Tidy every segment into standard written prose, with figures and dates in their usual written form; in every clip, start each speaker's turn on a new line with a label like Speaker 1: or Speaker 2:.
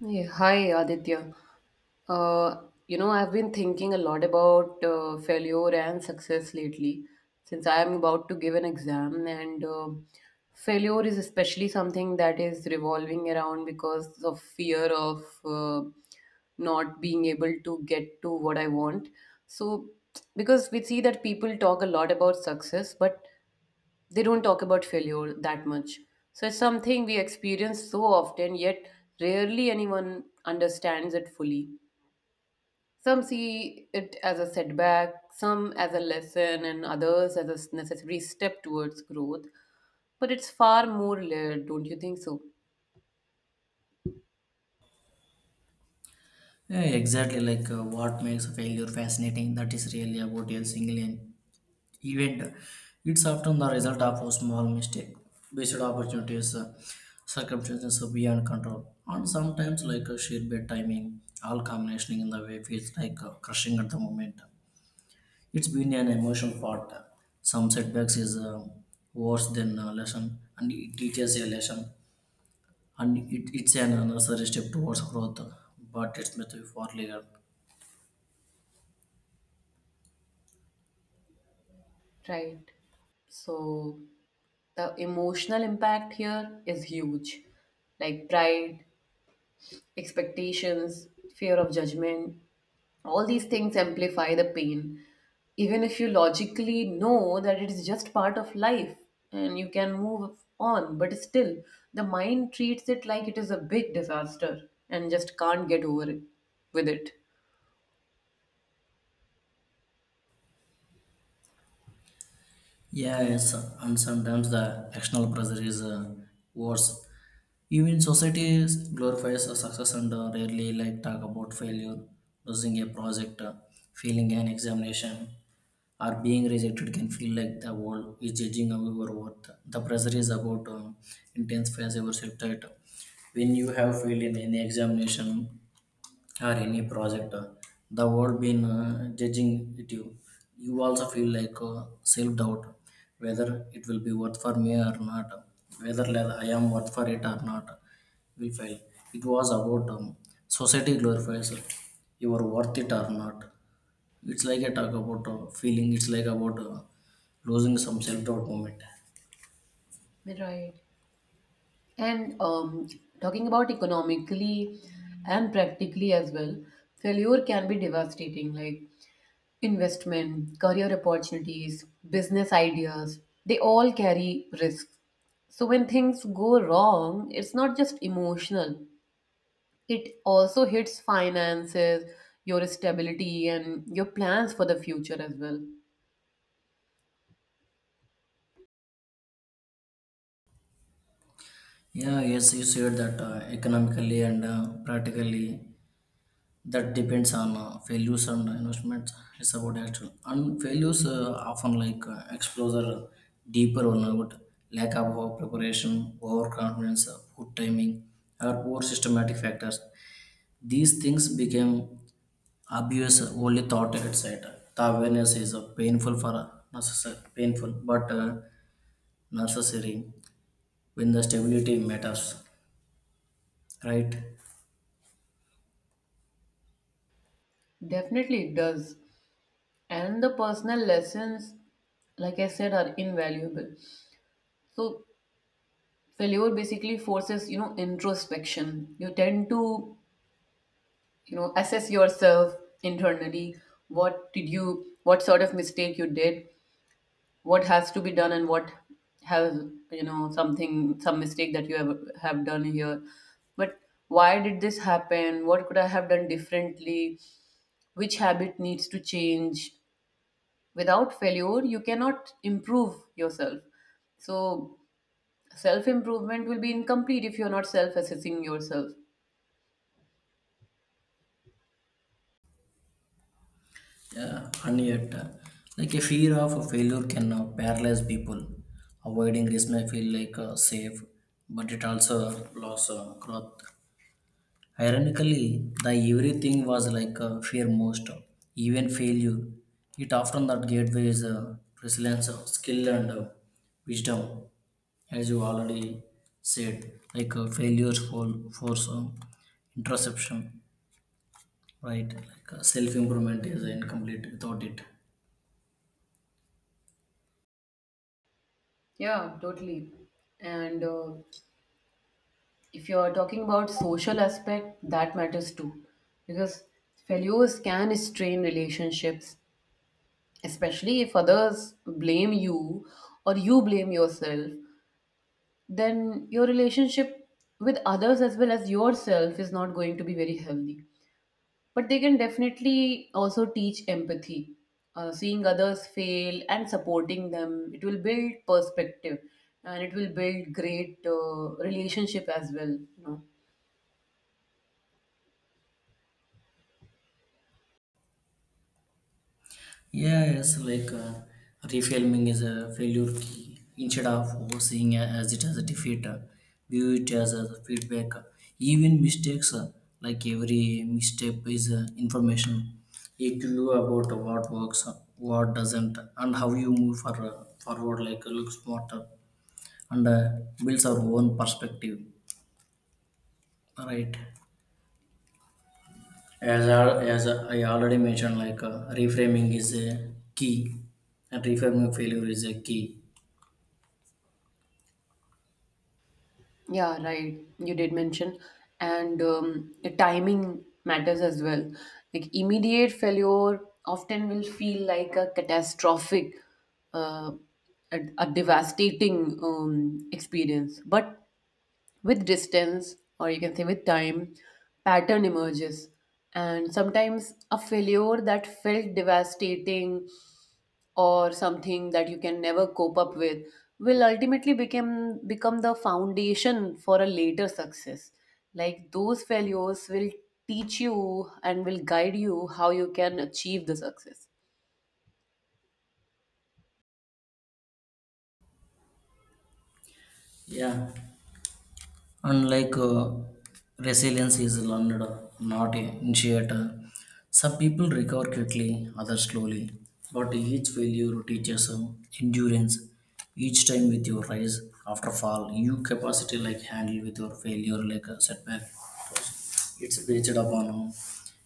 Speaker 1: Hey, hi Aditya. I've been thinking a lot about failure and success lately since I am about to give an exam, and failure is especially something that is revolving around because of fear of not being able to get to what I want. So, because we see that people talk a lot about success, but they don't talk about failure that much. So it's something we experience so often, yet rarely anyone understands it fully. Some see it as a setback, some as a lesson, and others as a necessary step towards growth. But it's far more layered, don't you think so?
Speaker 2: Yeah, exactly. What makes failure fascinating, that is really about a single event. It's often the result of a small mistake, based opportunities, circumstances beyond control, and sometimes like a sheer bad timing. All combination in the way feels like crushing at the moment. It's been an emotional part. Some setbacks is worse than a lesson, and it teaches a lesson, and it's an necessary step towards growth, but it's meant to be for later.
Speaker 1: Right. So the emotional impact here is huge, like pride, expectations, fear of judgment, all these things amplify the pain. Even if you logically know that it is just part of life and you can move on, but still, the mind treats it like it is a big disaster and just can't get over it with it.
Speaker 2: Yeah, yes, and sometimes the external pressure is worse. Even society glorifies a success and rarely like talk about failure, losing a project, failing an examination, or being rejected can feel like the world is judging our worth. The pressure is about intensifies your self doubt. When you have failed in any examination, or any project the world been judging it you you also feel like self-doubt whether it will be worth for me or not whether I am worth for it or not will fail it was about society glorifies you are worth it or not it's like a talk about feeling it's like about losing some self-doubt moment.
Speaker 1: Right. And talking about economically and practically as well, failure can be devastating. Like investment, career opportunities, business ideas, they all carry risks. So when things go wrong, it's not just emotional, it also hits finances, your stability, and your plans for the future as well.
Speaker 2: Yeah, yes, you said that economically and practically that depends on failures and investments. It's about action and failures often like exposure, deeper burnout, lack of preparation, overconfidence, poor timing or poor systematic factors. These things became obvious only thought outside. The awareness is painful for necessary painful but necessary when the stability matters, right?
Speaker 1: Definitely it does. And the personal lessons, like I said, are invaluable. So failure basically forces, you know, introspection. You tend to, you know, assess yourself internally. What did you what sort of mistake you did, what has to be done, and what has, you know, something, some mistake that you have done here. But why did this happen, what could I have done differently, which habit needs to change? Without failure you cannot improve yourself. So self improvement will be incomplete if you're not self assessing yourself.
Speaker 2: Yeah, and yet, like a fear of a failure can paralyze people. Avoiding risk may feel like safe, but it also loss growth. Ironically, the everything was like fear most, even failure. It often that gateway is resilience, skill, and wisdom, as you already said. Failures for force interception, right? Self improvement is incomplete without it.
Speaker 1: Yeah, totally. And if you're talking about social aspect, that matters too, because failures can strain relationships, especially if others blame you or you blame yourself, then your relationship with others as well as yourself is not going to be very healthy. But they can definitely also teach empathy. Seeing others fail and supporting them, it will build perspective and it will build great relationship as well, you know.
Speaker 2: Yeah, yes, reframing is a failure key. Instead of seeing it as a defeat, view it as a feedback. Even mistakes, like every misstep is information. A clue about what works, what doesn't, and how you move forward, like look smarter, and builds our own perspective, right? As I already mentioned, reframing is a key and reframing failure is a key.
Speaker 1: Yeah, right. You did mention. And the timing matters as well. Like immediate failure often will feel like a catastrophic, uh, a devastating experience. But with distance, or you can say with time, pattern emerges, and sometimes a failure that felt devastating or something that you can never cope up with will ultimately become the foundation for a later success. Like those failures will teach you and will guide you how you can achieve the success.
Speaker 2: Yeah, and resilience is learned, not initiated. Some people recover quickly, others slowly. But each failure teaches endurance. Each time with your rise after fall, you capacity like handle with your failure like a setback. It's based upon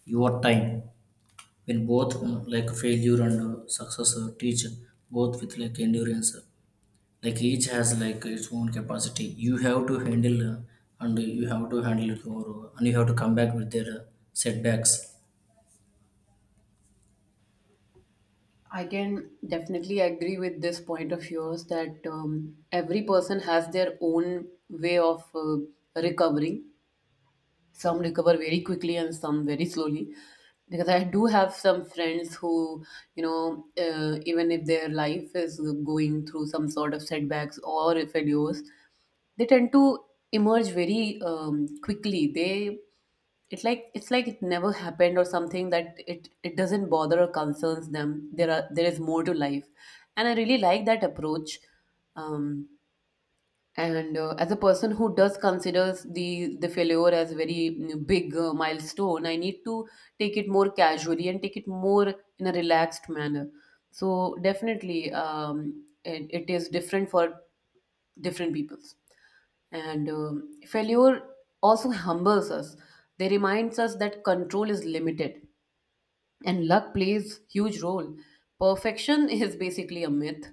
Speaker 2: your time. When both like failure and success teach both with like endurance, like each has like its own capacity you have to handle and you have to come back with their setbacks.
Speaker 1: I can definitely agree with this point of yours that every person has their own way of recovering. Some recover very quickly and some very slowly, because I do have some friends who, you know, even if their life is going through some sort of setbacks or failures, they tend to emerge very quickly. They, it's like it never happened, or something that it doesn't bother or concerns them. There are, there is more to life, and I really like that approach. um and as a person who does considers the failure as very big milestone, I need to take it more casually and take it more in a relaxed manner. So definitely, it, it is different for different peoples. And failure also humbles us. They reminds us that control is limited and luck plays huge role, perfection is basically a myth,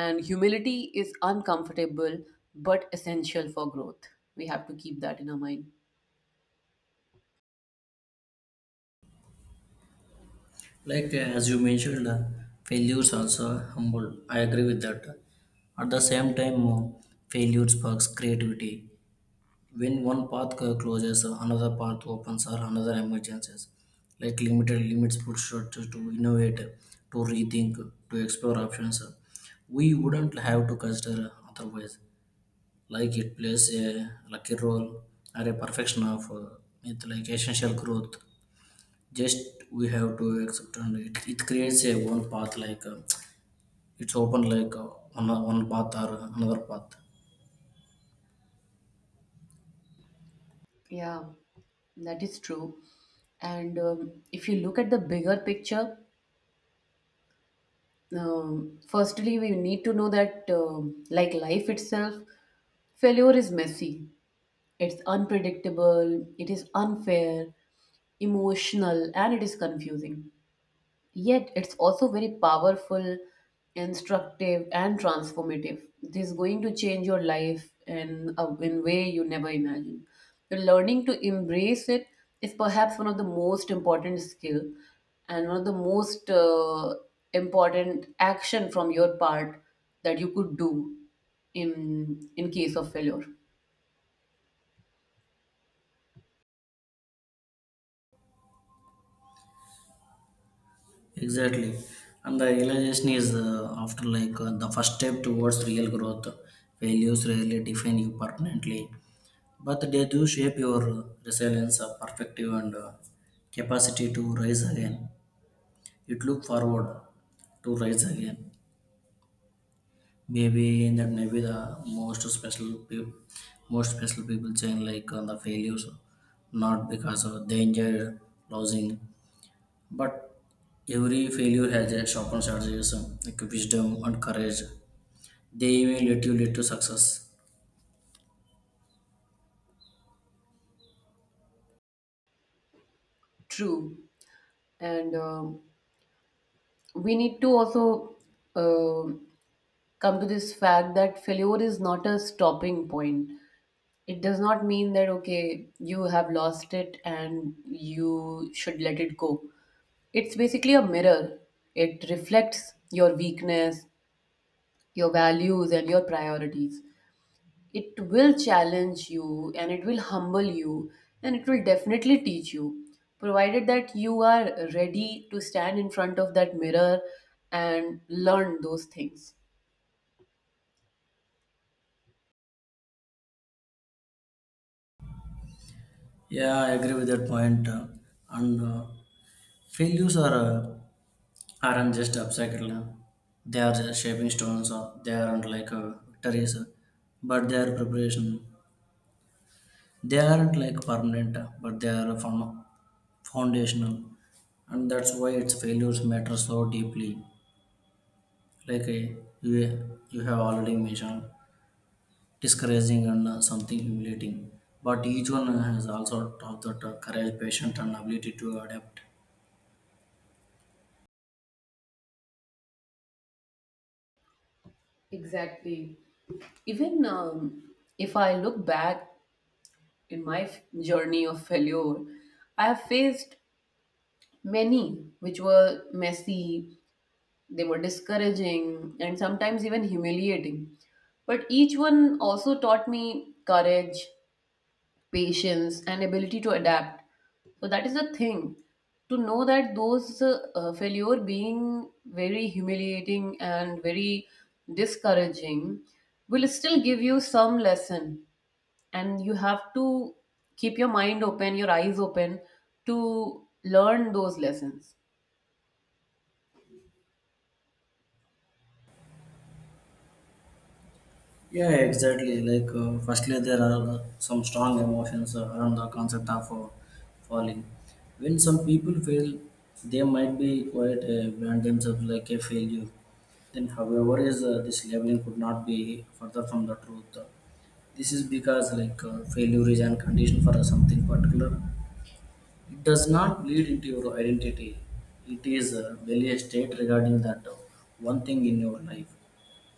Speaker 1: and humility is uncomfortable but essential for growth. We have to keep that in our mind.
Speaker 2: As you mentioned failures also humble, I agree with that. At the same time failure sparks creativity. When one path closes another path opens or another emergencies, like limited limits push us to innovate, to rethink, to explore options we wouldn't have to consider otherwise. Like it plays a lucky role or a perfection of it like essential growth. Just we have to accept and it creates a one path like it's open like one path or another path.
Speaker 1: Yeah, that is true. And if you look at the bigger picture, firstly we need to know that, like life itself, failure is messy, it's unpredictable, it is unfair, emotional, and it is confusing. Yet it's also very powerful, instructive, and transformative. This is going to change your life in a in way you never imagined. The learning to embrace it is perhaps one of the most important skill, and one of the most important action from your part that you could do in case of failure.
Speaker 2: Exactly. And the realization is after like the first step towards real growth. Values rarely define you permanently, but they do shape your resilience, perspective, and capacity to rise again. It look forward to rise again. Maybe in that may be the most special people, most special people saying like on the failures, not because of danger enjoyed losing, but every failure has a sharpened strategies like wisdom and courage, they even let you lead to success.
Speaker 1: True, and we need to also um come to this fact that failure is not a stopping point. It does not mean that, okay, you have lost it and you should let it go. It's basically a mirror, it reflects your weakness, your values, and your priorities. It will challenge you and it will humble you, and it will definitely teach you, provided that you are ready to stand in front of that mirror and learn those things.
Speaker 2: Yeah, I agree with that point, and failures aren't just obstacle, they are just shaping stones or they aren't like victories, but they are preparation. They aren't like permanent, but they are foundational, and that's why its failures matter so deeply. Like a, you, you have already mentioned, discouraging and something humiliating. But each one has also taught that courage, patience, and ability to adapt.
Speaker 1: Exactly. Even if I look back in my journey of failure, I have faced many which were messy. They were discouraging and sometimes even humiliating, but each one also taught me courage, patience, and ability to adapt. So that is the thing, to know that those failure being very humiliating and very discouraging will still give you some lesson, and you have to keep your mind open, your eyes open, to learn those lessons.
Speaker 2: Yeah, exactly. Firstly, there are some strong emotions around the concept of falling. When some people fail, they might be quite brand themselves like a failure. Then, however, is this labeling could not be further from the truth. This is because failure is an condition for something particular. It does not bleed into your identity. It is merely a state regarding that one thing in your life.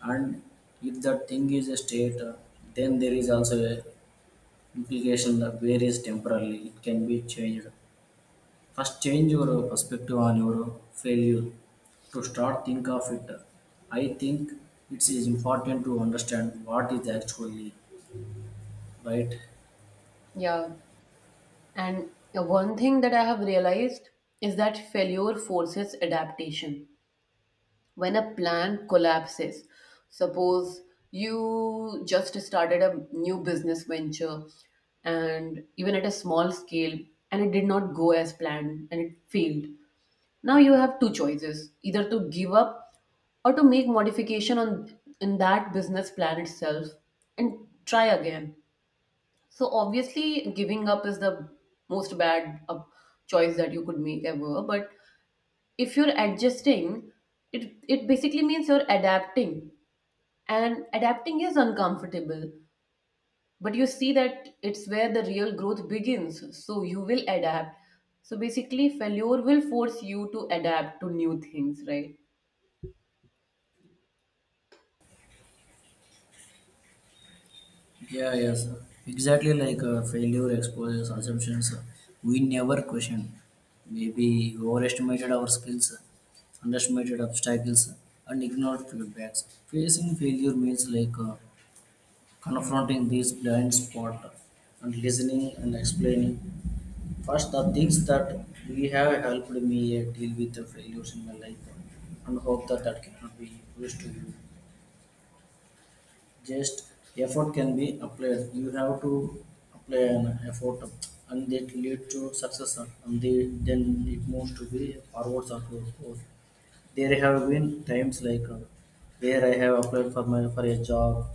Speaker 2: And if that thing is a state, then there is also a implication that where is temporarily it can be changed. First, change your perspective on your failure to start think of it. I think it is important to understand what is actually right.
Speaker 1: Yeah, and one thing that I have realized is that failure forces adaptation. When a plan collapses, suppose you just started a new business venture, and even at a small scale, and it did not go as planned and it failed, now you have two choices, either to give up or to make modification on, in that business plan itself, and try again. So obviously giving up is the most bad choice that you could make ever, but if you're adjusting it, it basically means you're adapting, and adapting is uncomfortable, but you see that it's where the real growth begins, so you will adapt. So basically failure will force you to adapt to new things, right?
Speaker 2: Yeah, yes, exactly, failure exposes assumptions we never question. Maybe overestimated our skills, underestimated obstacles, and ignored feedbacks. Facing failure means like confronting these blind spot and listening and explaining. First, the things that we have helped me deal with the failures in my life and hope that that cannot be used to you. Just effort can be applied. You have to apply an effort, and that lead to success and they, then it moves to be forwards or growth. There have been times where I have applied for a job,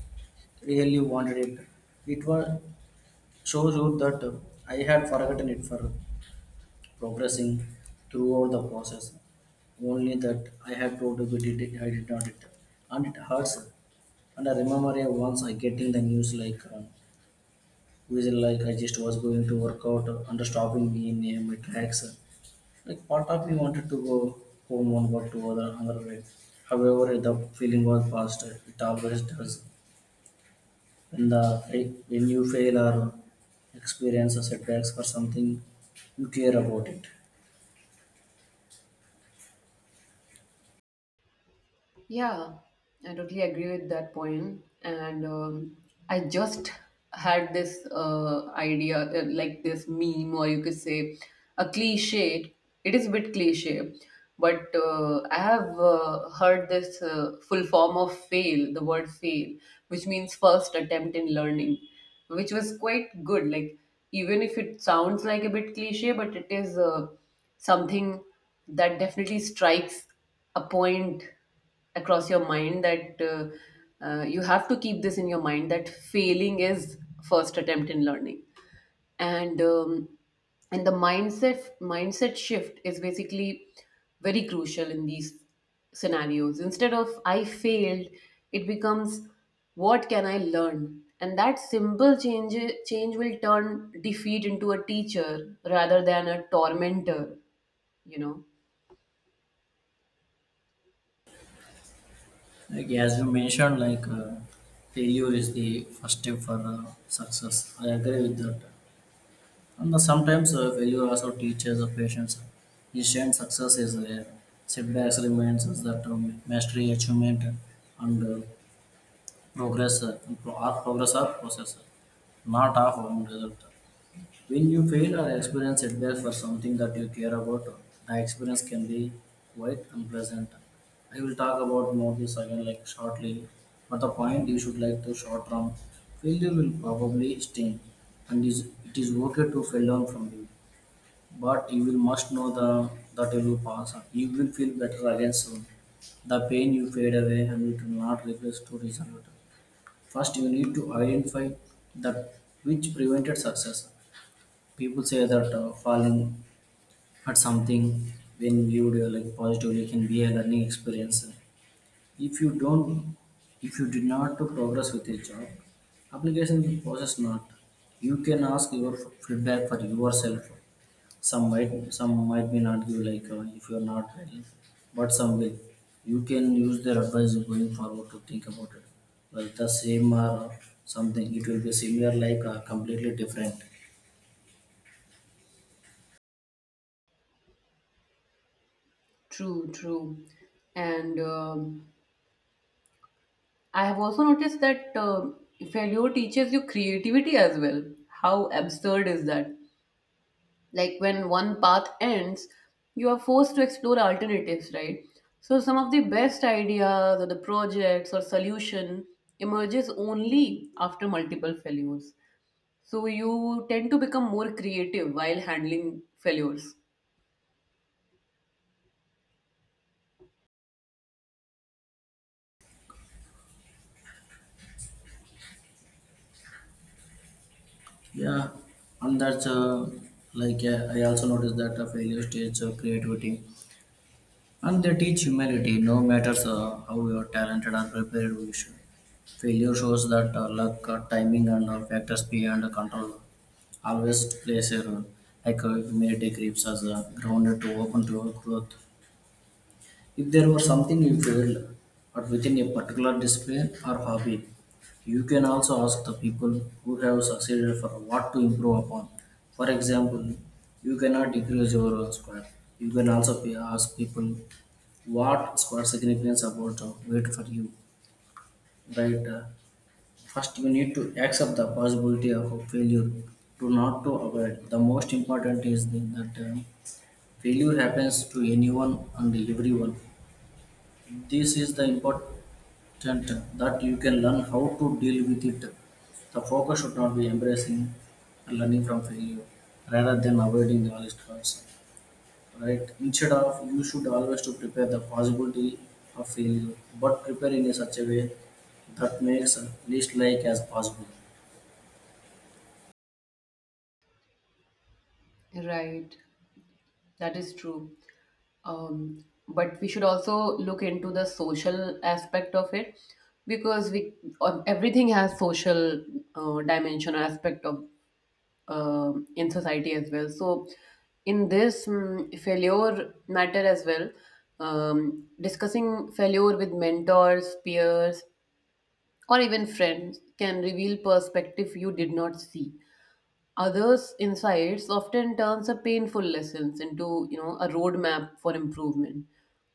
Speaker 2: really wanted it. It was shows you that I had forgotten it for progressing throughout the process. Only that I had told you but did not it. And it hurts. And I remember yeah, once I getting the news like visual like I just was going to work out and stopping me in my tracks. Like part of me wanted to go home and work to other another way. However, the feeling was past. It always does. When the when you fail or experience a setbacks for something, you care about it.
Speaker 1: Yeah, I totally agree with that point. And I just had this idea, like this meme, or you could say a cliche. It is a bit cliche, but I have heard this full form of fail, the word fail, which means first attempt in learning, which was quite good. Like, even if it sounds like a bit cliche, but it is something that definitely strikes a point across your mind that you have to keep this in your mind that failing is first attempt in learning. And and the mindset shift is basically very crucial in these scenarios. Instead of I failed, it becomes what can I learn, and that simple change will turn defeat into a teacher rather than a tormentor, you know.
Speaker 2: Like as you mentioned, failure is the first step for success. I agree with that. And sometimes failure also teaches patience. Instant success is rare. Setbacks reminds us that mastery, achievement, and progress are progress are process, not of one result. When you fail or experience setbacks for something that you care about, the experience can be quite unpleasant. I will talk about more this again like shortly, but the point you should like to short term failure will probably sting, and is okay to fail down from you, but you will must know the that it will pass on. You will feel better again soon. The pain you fade away and it will not replace to reason it. First, you need to identify that which prevented success. People say that falling at something when viewed like positively can be a learning experience. If you don't, if you did not to progress with your job application process not, you can ask your feedback for yourself. Some might, some might be not give if you're not ready, but some will. You can use their advice going forward to think about it like the same or something, it will be similar like completely different.
Speaker 1: True, true. And I have also noticed that failure teaches you creativity as well. How absurd is that? Like when one path ends, you are forced to explore alternatives, right? So some of the best ideas or the projects or solution emerges only after multiple failures. So you tend to become more creative while handling failures.
Speaker 2: Yeah, and that's I also noticed that a failure stage creativity, and they teach humility. No matters how you are talented and prepared, we should. Failure shows that luck, timing, and factors beyond control always plays a role. Humility keeps us grounded to open to growth. If there were something you failed, but within a particular discipline or hobby, you can also ask the people who have succeeded for what to improve upon. For example, you cannot decrease your square. You can also ask people what square significance about weight for you, right? First, you need to accept the possibility of a failure. Do not to avoid. The most important is that failure happens to anyone and everyone. This is the important. Content that you can learn how to deal with it. The focus should not be embracing and learning from failure rather than avoiding the knowledge transfer. Right? Instead of you should always to prepare the possibility of failure, but prepare in such a way that makes at least like as possible.
Speaker 1: Right, that is true. But we should also look into the social aspect of it, because we, everything has social dimension or aspect of in society as well. So in this failure matter as well, discussing failure with mentors, peers, or even friends can reveal perspective you did not see. Others' insights often turns a painful lessons into, you know, a roadmap for improvement.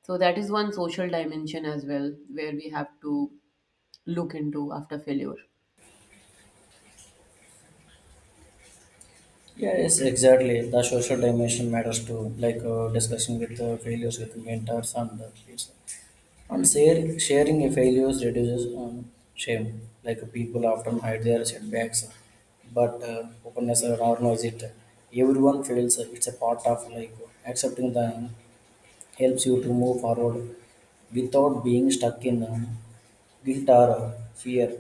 Speaker 1: So that is one social dimension as well, where we have to look into after failure.
Speaker 2: Yeah, yes, exactly. The social dimension matters too, discussion with failures with mentors and peers. And share, sharing a failures reduces shame. Like people often hide their setbacks, but openness or normalize it. Everyone fails. It's a part of life. Accepting them helps you to move forward without being stuck in guilt or fear.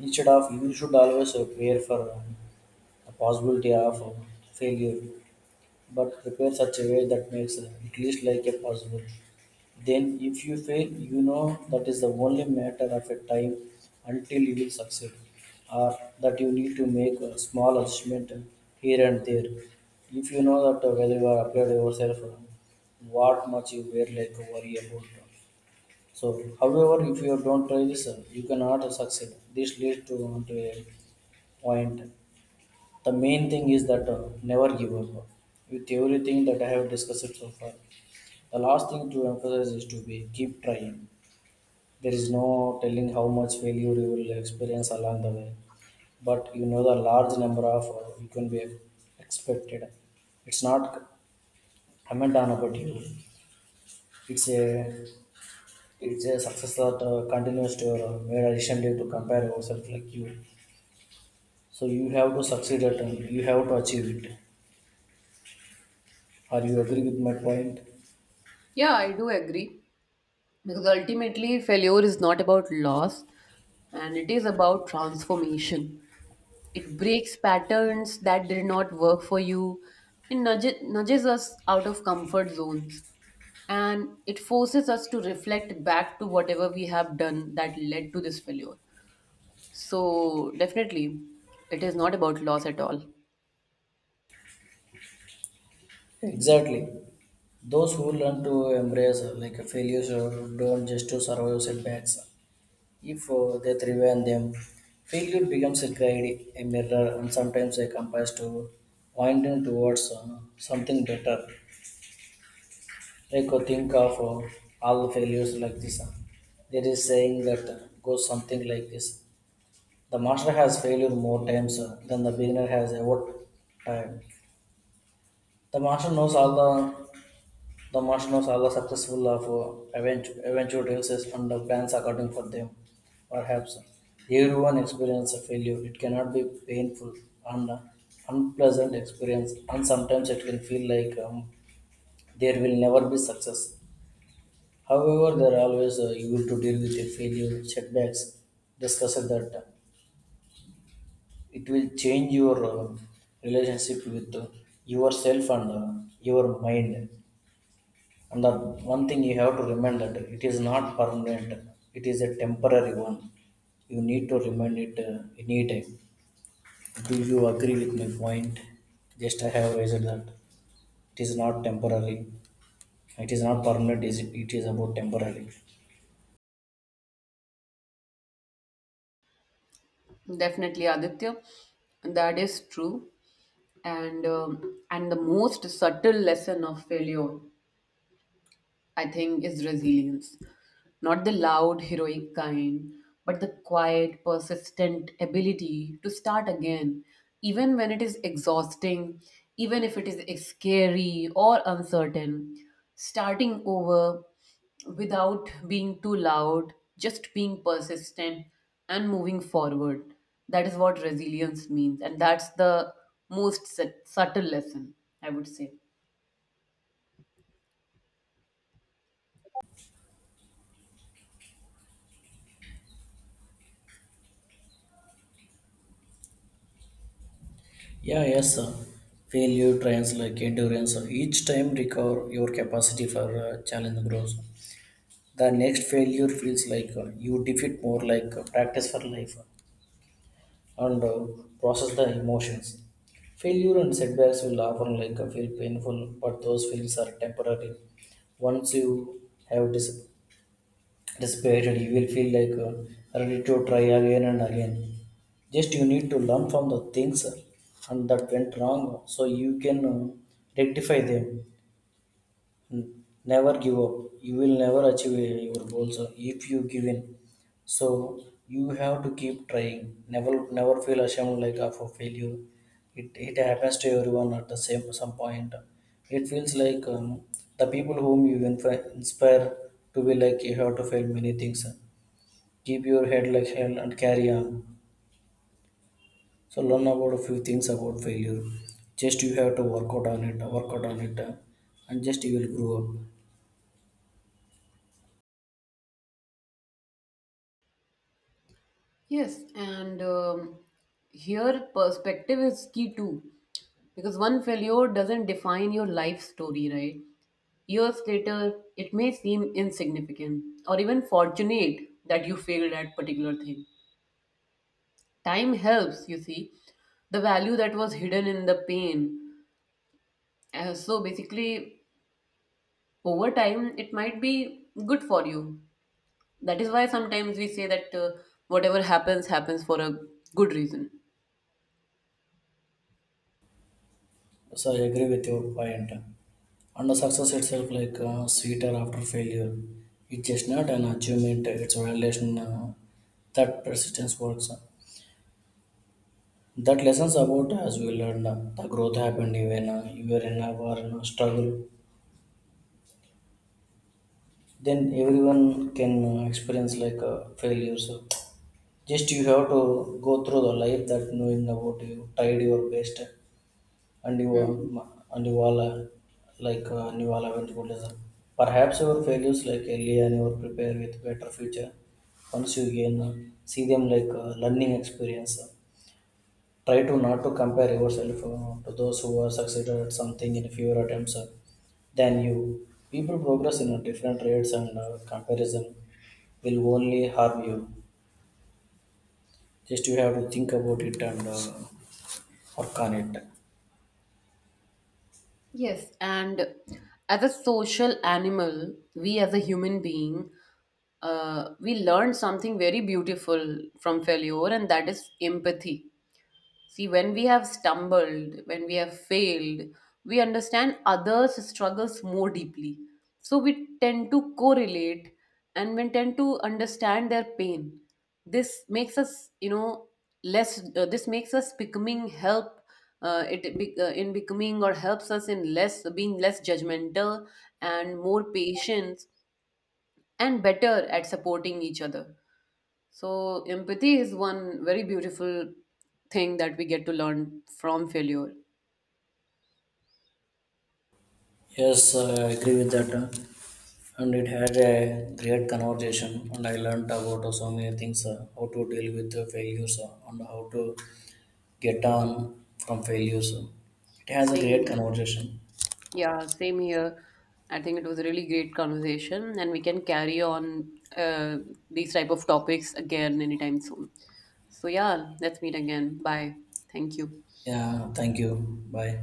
Speaker 2: Instead of you should always prepare for the possibility of failure, but prepare such a way that makes it least like a possible. Then, if you fail, you know that is the only matter of a time until you will succeed, or that you need to make a small adjustment here and there. If you know that whether you are upgrade yourself, what much you were like worry about. So, however, if you don't try this, you cannot succeed. This leads to onto a point. The main thing is that never give up with everything that I have discussed so far. The last thing to emphasize is to be keep trying. There is no telling how much failure you will experience along the way, but you know the large number of you can be expected. It's not comment on about you. It's a it's a success that continues to made recently to compare yourself like you. So you have to succeed at and you have to achieve it. Are you agree with my point?
Speaker 1: Yeah, I do agree, because ultimately, failure is not about loss and it is about transformation. It breaks patterns that did not work for you, it nudges us out of comfort zones. And it forces us to reflect back to whatever we have done that led to this failure. So, definitely, it is not about loss at all.
Speaker 2: Exactly. Those who learn to embrace like failures don't just to survive setbacks if they thrive on them, failure becomes a guide, a mirror, and sometimes a compass to pointing towards something better. Like think of all the failures like this. There is saying that goes something like this: the master has failure more times than the beginner has ever tried. The master knows all the Martians are successful of eventual races and the plans according for them. Perhaps everyone experiences failure. It cannot be painful and unpleasant experience, and sometimes it can feel like there will never be success. However, there are always you will to deal with your failure, setbacks. Discuss that it will change your relationship with yourself and your mind. And the one thing you have to remember that it is not permanent, it is a temporary one. You need to remind it anytime. Do you agree with my point? Just I have raised that it is not temporary, it is not permanent, is it is about temporary.
Speaker 1: Definitely, Aditya, that is true. And the most subtle lesson of failure, I think, is resilience. Not the loud, heroic kind, but the quiet, persistent ability to start again, even when it is exhausting, even if it is scary or uncertain. Starting over without being too loud, just being persistent and moving forward. That is what resilience means, and that's the most subtle lesson, I would say.
Speaker 2: Yeah, yes, sir. Failure, trains like endurance, sir. Each time recover your capacity for challenge grows. The next failure feels like you defeat more like practice for life. And process the emotions. Failure and setbacks will often like feel painful, but those feelings are temporary. Once you have dissipated, you will feel like ready to try again and again. Just you need to learn from the things and that went wrong, so you can rectify them. Never give up. You will never achieve your goals if you give in. So you have to keep trying. Never feel ashamed like of a failure. It happens to everyone at the same some point. It feels like the people whom you inspire to be like you have to fail many things. Keep your head like hell and carry on. So learn about a few things about failure. Just you have to work out on it, work out on it, and just you will grow up.
Speaker 1: Yes, and here perspective is key too, because one failure doesn't define your life story, right? Years later, it may seem insignificant or even fortunate that you failed at particular thing. Time helps, you see, the value that was hidden in the pain. So basically, over time, it might be good for you. That is why sometimes we say that whatever happens happens for a good reason.
Speaker 2: So I agree with your point. And the success itself, like sweeter after failure, it's just not an achievement. It's a relation that persistence works. That lessons about as we learned, the growth happened even you were in our struggle. Then everyone can experience like failures. Just you have to go through the life that knowing about you tried your best and
Speaker 1: Hmm.
Speaker 2: you all are like and you all haven't good lesson. Perhaps your failures like earlier and you are prepared with better future. Once you gain, see them like learning experience. Try to not to compare yourself to those who are succeeded at something in fewer attempts than you. People progress in different rates and comparison will only harm you. Just you have to think about it and work on it.
Speaker 1: Yes, and as a social animal, we as a human being, we learn something very beautiful from failure, and that is empathy. See, when we have stumbled, when we have failed, we understand others' struggles more deeply. So we tend to correlate and we tend to understand their pain. This makes us, you know, less, this makes us becoming help. In becoming, or helps us in less being less judgmental and more patient and better at supporting each other. So, empathy is one very beautiful thing that we get to learn from failure.
Speaker 2: Yes, I agree with that. And it had a great conversation, and I learned about so many things how to deal with the failures and how to get on from failures. It has a great
Speaker 1: Same,
Speaker 2: conversation.
Speaker 1: yeah, same here. I think it was a really great conversation, and we can carry on uh, these type of topics again anytime soon. So, yeah, let's meet again. Bye. Thank you.
Speaker 2: Yeah, thank you. Bye.